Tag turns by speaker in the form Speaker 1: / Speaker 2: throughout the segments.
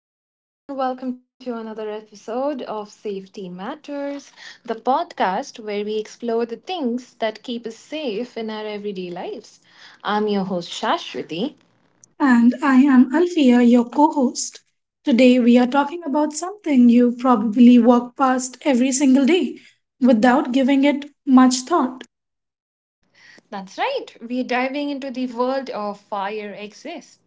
Speaker 1: everyone, and welcome to another episode of Safety Matters, the podcast where we explore the things that keep us safe in our everyday lives. I'm your host, Shashwati.
Speaker 2: And I am Alfia, your co host. Today, we are talking about something you probably walk past every single day without giving it much thought.
Speaker 1: That's right, we're diving into the world of fire exits.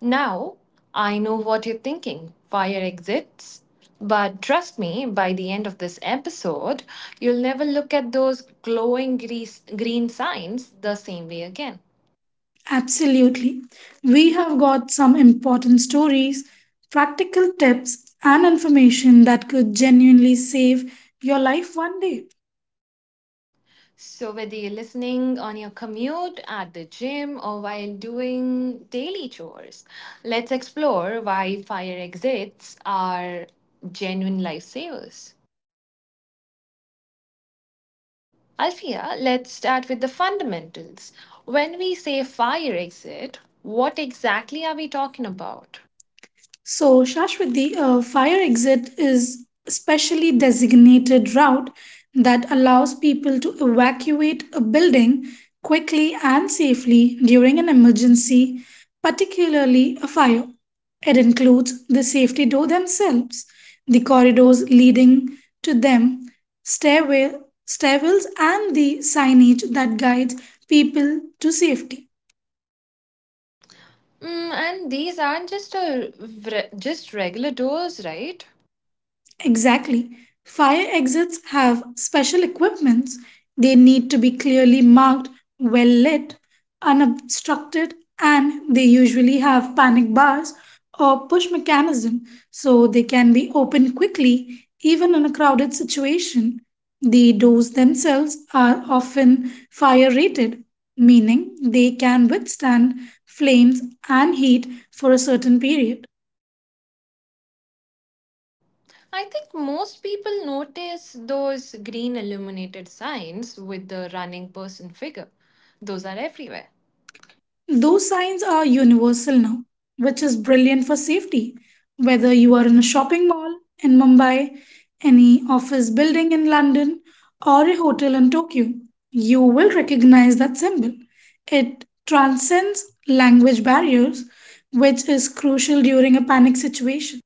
Speaker 1: Now, I know what you're thinking, fire exits. But trust me, by the end of this episode, you'll never look at those glowing grease, green signs the same way again.
Speaker 2: Absolutely. We have got some important stories, practical tips, and information that could genuinely save your life one day.
Speaker 1: So, whether you're listening on your commute, at the gym, or while doing daily chores, let's explore why fire exits are genuine lifesavers. Alfia, let's start with the fundamentals. When we say fire exit, what exactly are we talking about?
Speaker 2: So, Shashwat, the fire exit is a specially designated route that allows people to evacuate a building quickly and safely during an emergency, particularly a fire. It includes the safety door themselves, the corridors leading to them, stairway, stairwells, and the signage that guides people to safety.
Speaker 1: Mm, and these aren't just regular doors, right?
Speaker 2: Exactly. Fire exits have special equipments. They need to be clearly marked, well lit, unobstructed, and they usually have panic bars or push mechanism so they can be opened quickly even in a crowded situation. The doors themselves are often fire rated, meaning they can withstand flames and heat for a certain period.
Speaker 1: I think most people notice those green illuminated signs with the running person figure. Those are everywhere.
Speaker 2: Those signs are universal now, which is brilliant for safety. Whether you are in a shopping mall in Mumbai, any office building in London, or a hotel in Tokyo, you will recognize that symbol. It transcends language barriers, which is crucial during a panic situation.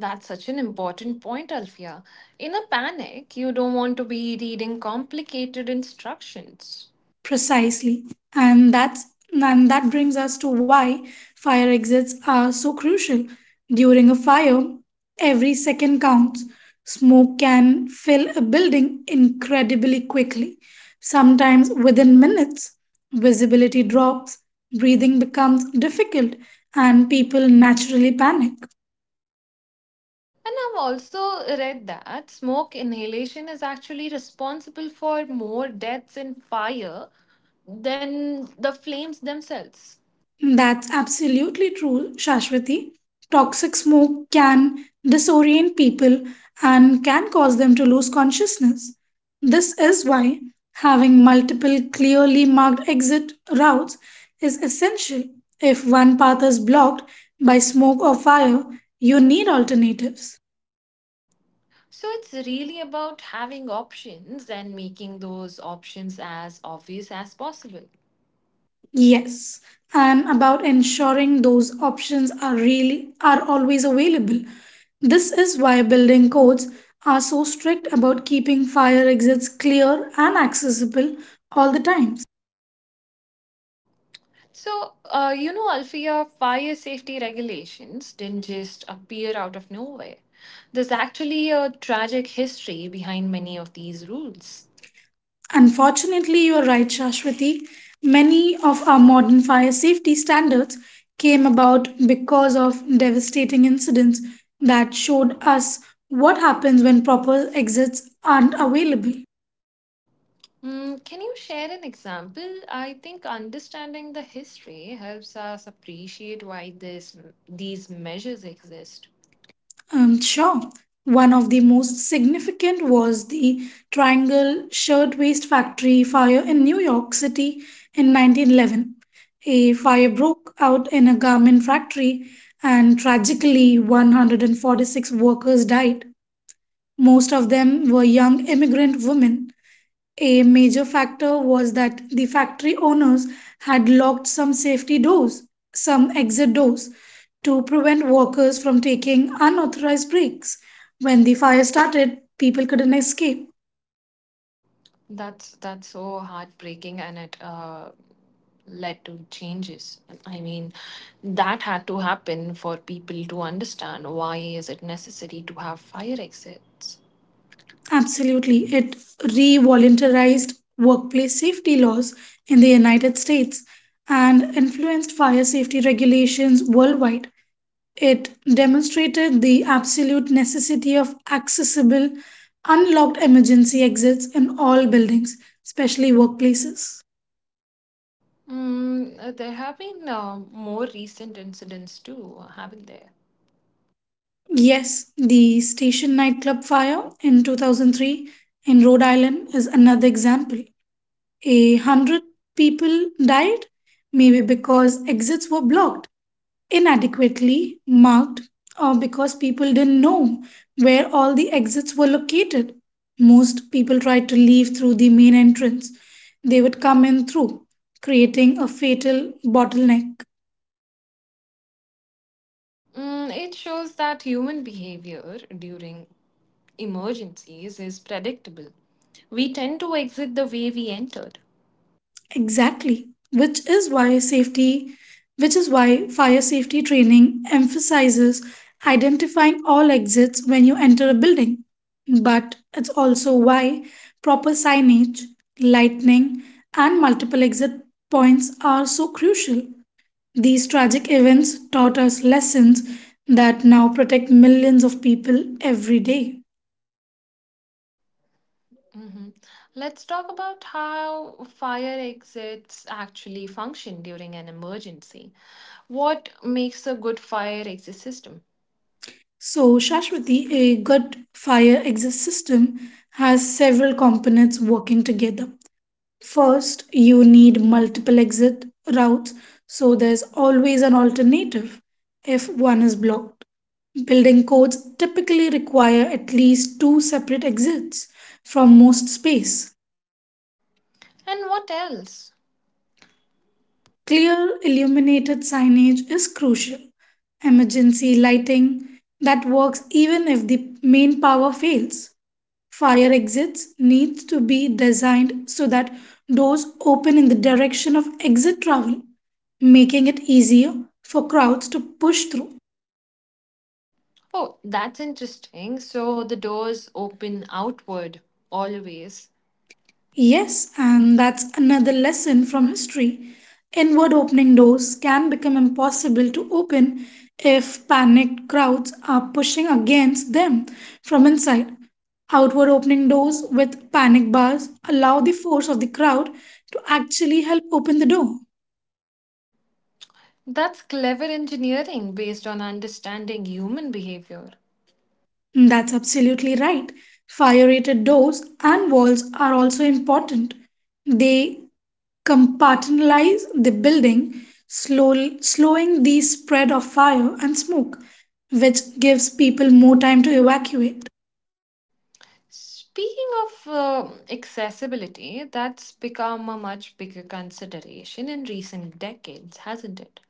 Speaker 1: That's such an important point, Alfia. In a panic, you don't want to be reading complicated instructions.
Speaker 2: Precisely. And that's and that brings us to why fire exits are so crucial. During a fire, every second counts. Smoke can fill a building incredibly quickly, sometimes within minutes. Visibility drops, breathing becomes difficult, and people naturally panic.
Speaker 1: And I've also read that smoke inhalation is actually responsible for more deaths in fire than the flames themselves.
Speaker 2: That's absolutely true, Shashwati. Toxic smoke can disorient people and can cause them to lose consciousness. This is why having multiple clearly marked exit routes is essential. If one path is blocked by smoke or fire, you need alternatives.
Speaker 1: So it's really about having options and making those options as obvious as possible.
Speaker 2: Yes, and about ensuring those options are always available. This is why building codes are so strict about keeping fire exits clear and accessible all the time.
Speaker 1: So, Alfia, fire safety regulations didn't just appear out of nowhere. There's actually a tragic history behind many of these rules.
Speaker 2: Unfortunately, you are right, Shashwati. Many of our modern fire safety standards came about because of devastating incidents that showed us what happens when proper exits aren't available.
Speaker 1: Mm, can you share an example? I think understanding the history helps us appreciate why this these measures exist.
Speaker 2: Sure. One of the most significant was the Triangle Shirtwaist Factory fire in New York City in 1911. A fire broke out in a garment factory, and tragically, 146 workers died. Most of them were young immigrant women. A major factor was that the factory owners had locked some safety doors, some exit doors, to prevent workers from taking unauthorized breaks. When the fire started, people couldn't escape.
Speaker 1: That's so heartbreaking, and it led to changes, I mean, that had to happen for people to understand why is it necessary to have fire exits.
Speaker 2: Absolutely, it re voluntarized workplace safety laws in the United States and influenced fire safety regulations worldwide. It demonstrated the absolute necessity of accessible, unlocked emergency exits in all buildings, especially workplaces.
Speaker 1: Mm, there have been more recent incidents too, haven't there?
Speaker 2: Yes, the station nightclub fire in 2003 in Rhode Island is another example. 100 people died, maybe because exits were blocked, inadequately marked, or because people didn't know where all the exits were located. Most people tried to leave through the main entrance, they would come in through, creating a fatal bottleneck.
Speaker 1: Mm, it shows that human behavior during emergencies is predictable. We tend to exit the way we entered.
Speaker 2: Exactly, which is why fire safety training emphasizes identifying all exits when you enter a building. But it's also why proper signage, lighting, and multiple exit points are so crucial. These tragic events taught us lessons that now protect millions of people every day.
Speaker 1: Hmm. Let's talk about how fire exits actually function during an emergency. What makes a good fire exit system?
Speaker 2: So, Shashwati, a gut fire exit system has several components working together. First, you need multiple exit routes, so there's always an alternative if one is blocked. Building codes typically require at least two separate exits from most space.
Speaker 1: And what else?
Speaker 2: Clear illuminated signage is crucial. Emergency lighting that works even if the main power fails. Fire exits needs to be designed so that doors open in the direction of exit travel, making it easier for crowds to push through.
Speaker 1: Oh, that's interesting. So the doors open outward always.
Speaker 2: Yes, and that's another lesson from history. Inward opening doors can become impossible to open if panicked crowds are pushing against them from inside. Outward opening doors with panic bars allow the force of the crowd to actually help open the door.
Speaker 1: That's clever engineering based on understanding human behavior.
Speaker 2: That's absolutely right. Fire rated doors and walls are also important. They compartmentalize the building, slowing the spread of fire and smoke, which gives people more time to evacuate.
Speaker 1: Speaking of accessibility, that's become a much bigger consideration in recent decades, hasn't it?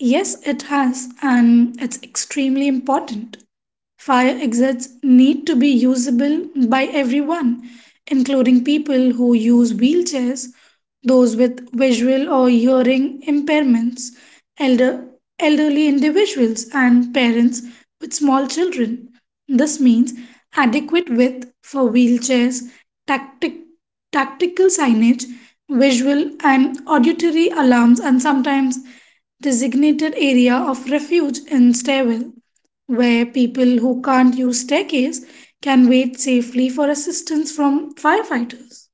Speaker 2: Yes, it has, and it's extremely important. Fire exits need to be usable by everyone, including people who use wheelchairs, those with visual or hearing impairments, elder, elderly individuals, and parents with small children. This means adequate width for wheelchairs, tactic, tactical signage, visual and auditory alarms, and sometimes designated area of refuge in stairwell where people who can't use techies can wait safely for assistance from firefighters.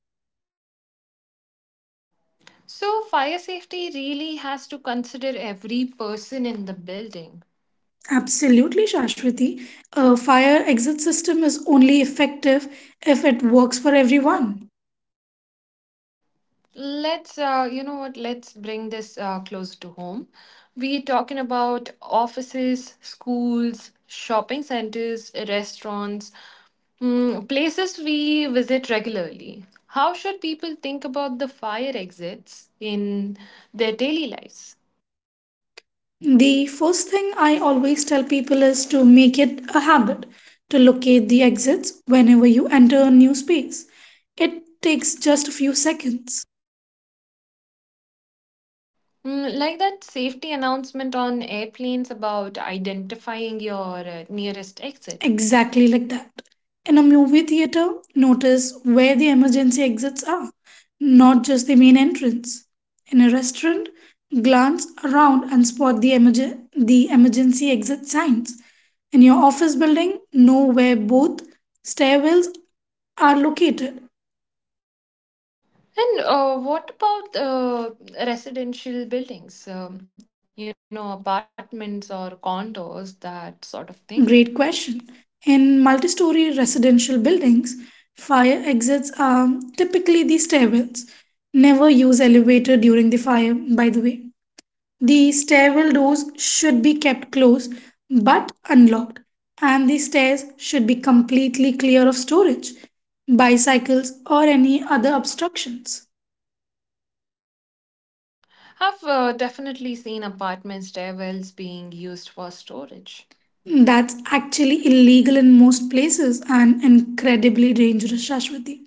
Speaker 1: So, fire safety really has to consider every person in the building.
Speaker 2: Absolutely, Shashwati. A fire exit system is only effective if it works for everyone.
Speaker 1: Let's, let's bring this close to home. We're talking about offices, schools, shopping centers, restaurants, mm, places we visit regularly. How should people think about the fire exits in their daily lives?
Speaker 2: The first thing I always tell people is to make it a habit to locate the exits whenever you enter a new space. It takes just a few seconds.
Speaker 1: Mm, like that safety announcement on airplanes about identifying your nearest exit.
Speaker 2: Exactly like that. In a movie theater, notice where the emergency exits are, not just the main entrance. In a restaurant, glance around and spot the emergency exit signs. In your office building, know where both stairwells are located.
Speaker 1: And what about residential buildings, apartments or condos, that sort of thing?
Speaker 2: Great question. In multi story residential buildings, fire exits are typically the stairwells. Never use elevator during the fire, by the way. The stairwell doors should be kept closed but unlocked, and the stairs should be completely clear of storage, bicycles, or any other obstructions.
Speaker 1: I've definitely seen apartment stairwells being used for storage.
Speaker 2: That's actually illegal in most places and incredibly dangerous, Shashwati.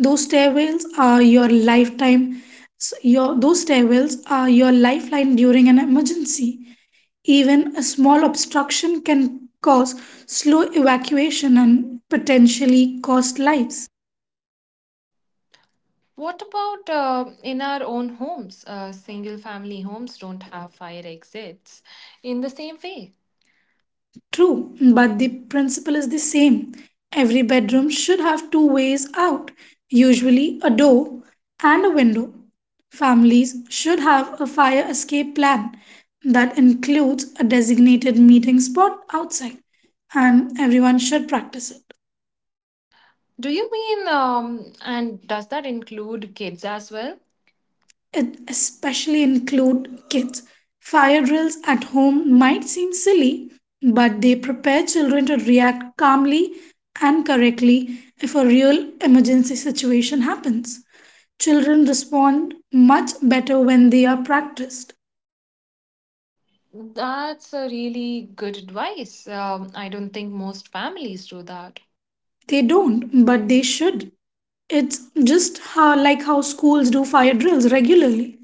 Speaker 2: Those stairwells are your lifetime, those stairwells are your lifeline during an emergency. Even a small obstruction can cause slow evacuation and potentially cost lives.
Speaker 1: What about in our own homes? Single family homes don't have fire exits in the same way.
Speaker 2: True, but the principle is the same. Every bedroom should have two ways out, usually a door and a window. Families should have a fire escape plan that includes a designated meeting spot outside, and everyone should practice it.
Speaker 1: Do you mean, and does that include kids as well?
Speaker 2: It especially include kids. Fire drills at home might seem silly, but they prepare children to react calmly and correctly if a real emergency situation happens. Children respond much better when they are practiced.
Speaker 1: That's a really good advice. I don't think most families do that.
Speaker 2: They don't, but they should. It's just like how schools do fire drills regularly.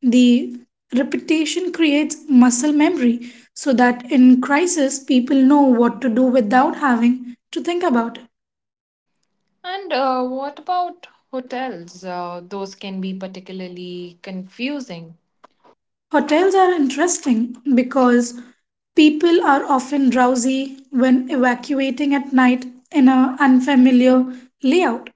Speaker 2: The repetition creates muscle memory so that in crisis people know what to do without having to think about it.
Speaker 1: And what about hotels? Those can be particularly confusing.
Speaker 2: Hotels are interesting because people are often drowsy when evacuating at night in an unfamiliar layout.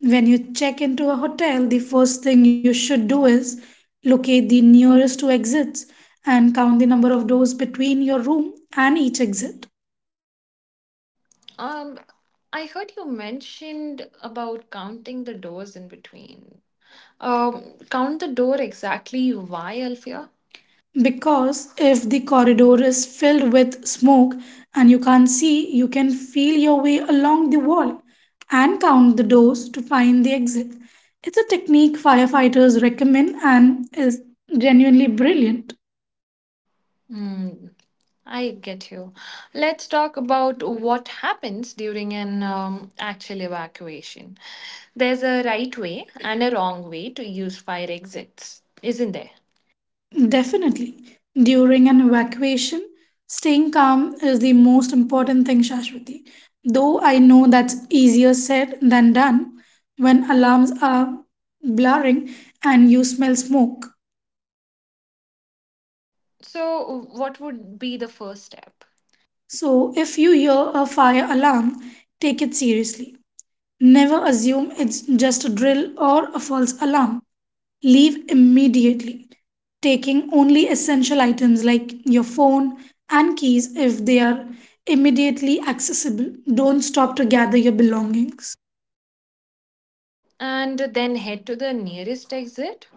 Speaker 2: When you check into a hotel, the first thing you should do is locate the nearest two exits and count the number of doors between your room and each exit.
Speaker 1: Um, I heard you mentioned about counting the doors in between. Count the door exactly why, Alfia?
Speaker 2: Because if the corridor is filled with smoke and you can't see, you can feel your way along the wall and count the doors to find the exit. It's a technique firefighters recommend and is genuinely brilliant.
Speaker 1: Hmm, I get you. Let's talk about what happens during an actual evacuation. There's a right way and a wrong way to use fire exits, isn't there?
Speaker 2: Definitely. During an evacuation, staying calm is the most important thing, Shashwati. Though I know that's easier said than done when alarms are blaring and you smell smoke.
Speaker 1: So, what would be the first step?
Speaker 2: So, if you hear a fire alarm, take it seriously. Never assume it's just a drill or a false alarm. Leave immediately, taking only essential items like your phone and keys if they are immediately accessible. Don't stop to gather your belongings.
Speaker 1: And then head to the nearest exit?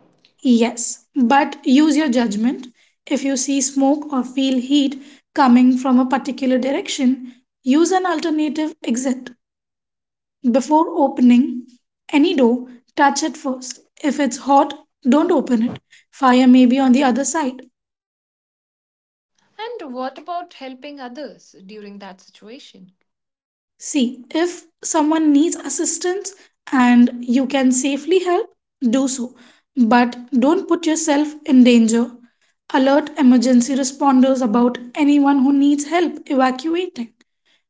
Speaker 2: Yes, but use your judgment. If you see smoke or feel heat coming from a particular direction, use an alternative exit. Before opening any door, touch it first. If it's hot, don't open it. Fire may be on the other side.
Speaker 1: And what about helping others during that situation?
Speaker 2: See, if someone needs assistance and you can safely help, do so. But don't put yourself in danger. Alert emergency responders about anyone who needs help evacuating.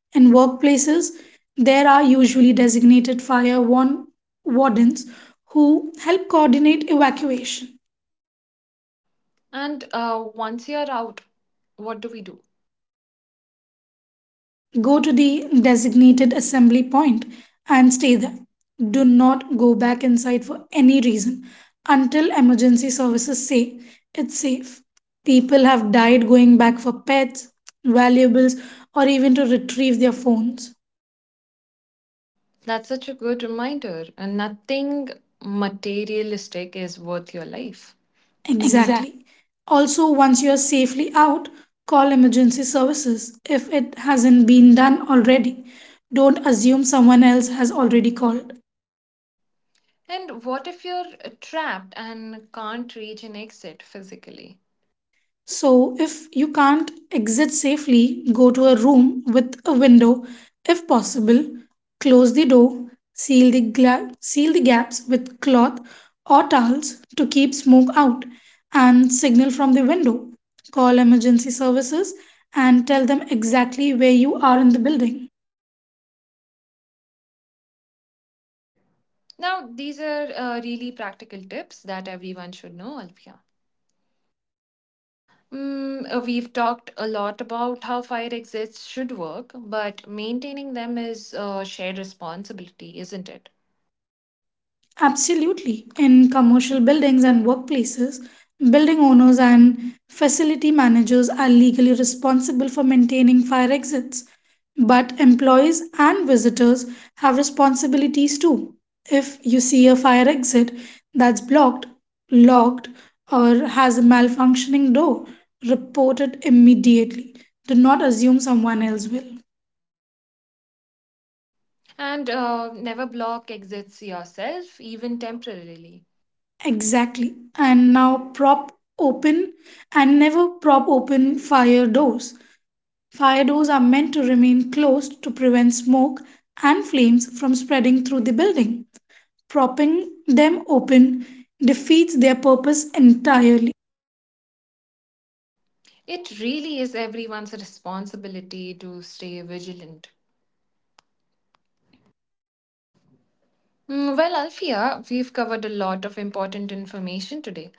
Speaker 2: In workplaces, there are usually designated wardens who help coordinate evacuation.
Speaker 1: And once you're out, what do we do?
Speaker 2: Go to the designated assembly point and stay there. Do not go back inside for any reason until emergency services say it's safe. People have died going back for pets, valuables, or even to retrieve their phones.
Speaker 1: That's such a good reminder. And nothing materialistic is worth your life. Exactly.
Speaker 2: Exactly. Also, once you are safely out, call emergency services if it hasn't been done already. Don't assume someone else has already called.
Speaker 1: And what if you're trapped and can't reach an exit physically?
Speaker 2: So, if you can't exit safely, go to a room with a window if possible, close the door, seal the gaps with cloth or towels to keep smoke out, and signal from the window. Call emergency services and tell them exactly where you are in the building.
Speaker 1: Now, these are really practical tips that everyone should know, Alfia. Mm, we've talked a lot about how fire exits should work, but maintaining them is a shared responsibility, isn't it?
Speaker 2: Absolutely. In commercial buildings and workplaces, building owners and facility managers are legally responsible for maintaining fire exits, but employees and visitors have responsibilities too. If you see a fire exit that's blocked, locked, or has a malfunctioning door, report it immediately. Do not assume someone else will.
Speaker 1: And never block exits yourself, even temporarily.
Speaker 2: Exactly. Open and never prop open fire doors. Fire doors are meant to remain closed to prevent smoke and flames from spreading through the building. Propping them open defeats their purpose entirely.
Speaker 1: It really is everyone's responsibility to stay vigilant. Mm, well, Alfia, we've covered a lot of important information today,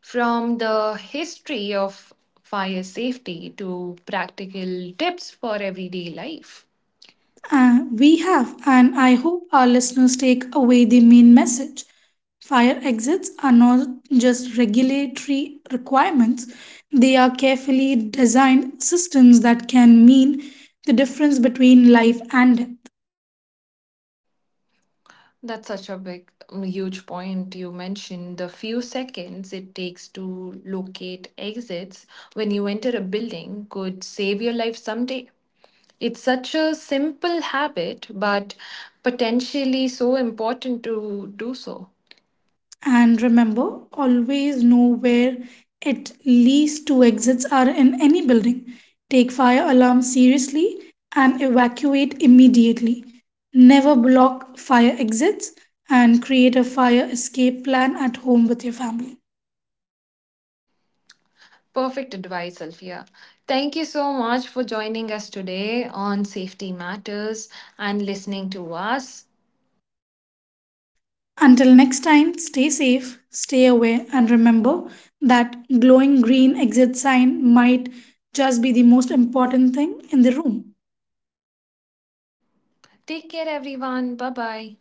Speaker 1: from the history of fire safety to practical tips for everyday life.
Speaker 2: We have, and I hope our listeners take away the main message. Fire exits are not just regulatory requirements, they are carefully designed systems that can mean the difference between life and death.
Speaker 1: That's such a big, huge point you mentioned. The few seconds it takes to locate exits when you enter a building could save your life someday. It's such a simple habit, but potentially so important to do so.
Speaker 2: And remember, always know where at least two exits are in any building. Take fire alarm seriously and evacuate immediately. Never block fire exits and create a fire escape plan at home with your family.
Speaker 1: Perfect advice, Alfia. Thank you so much for joining us today on Safety Matters and listening to us.
Speaker 2: Until next time, stay safe, stay aware, and remember that glowing green exit sign might just be the most important thing in the room.
Speaker 1: Take care, everyone. Bye bye.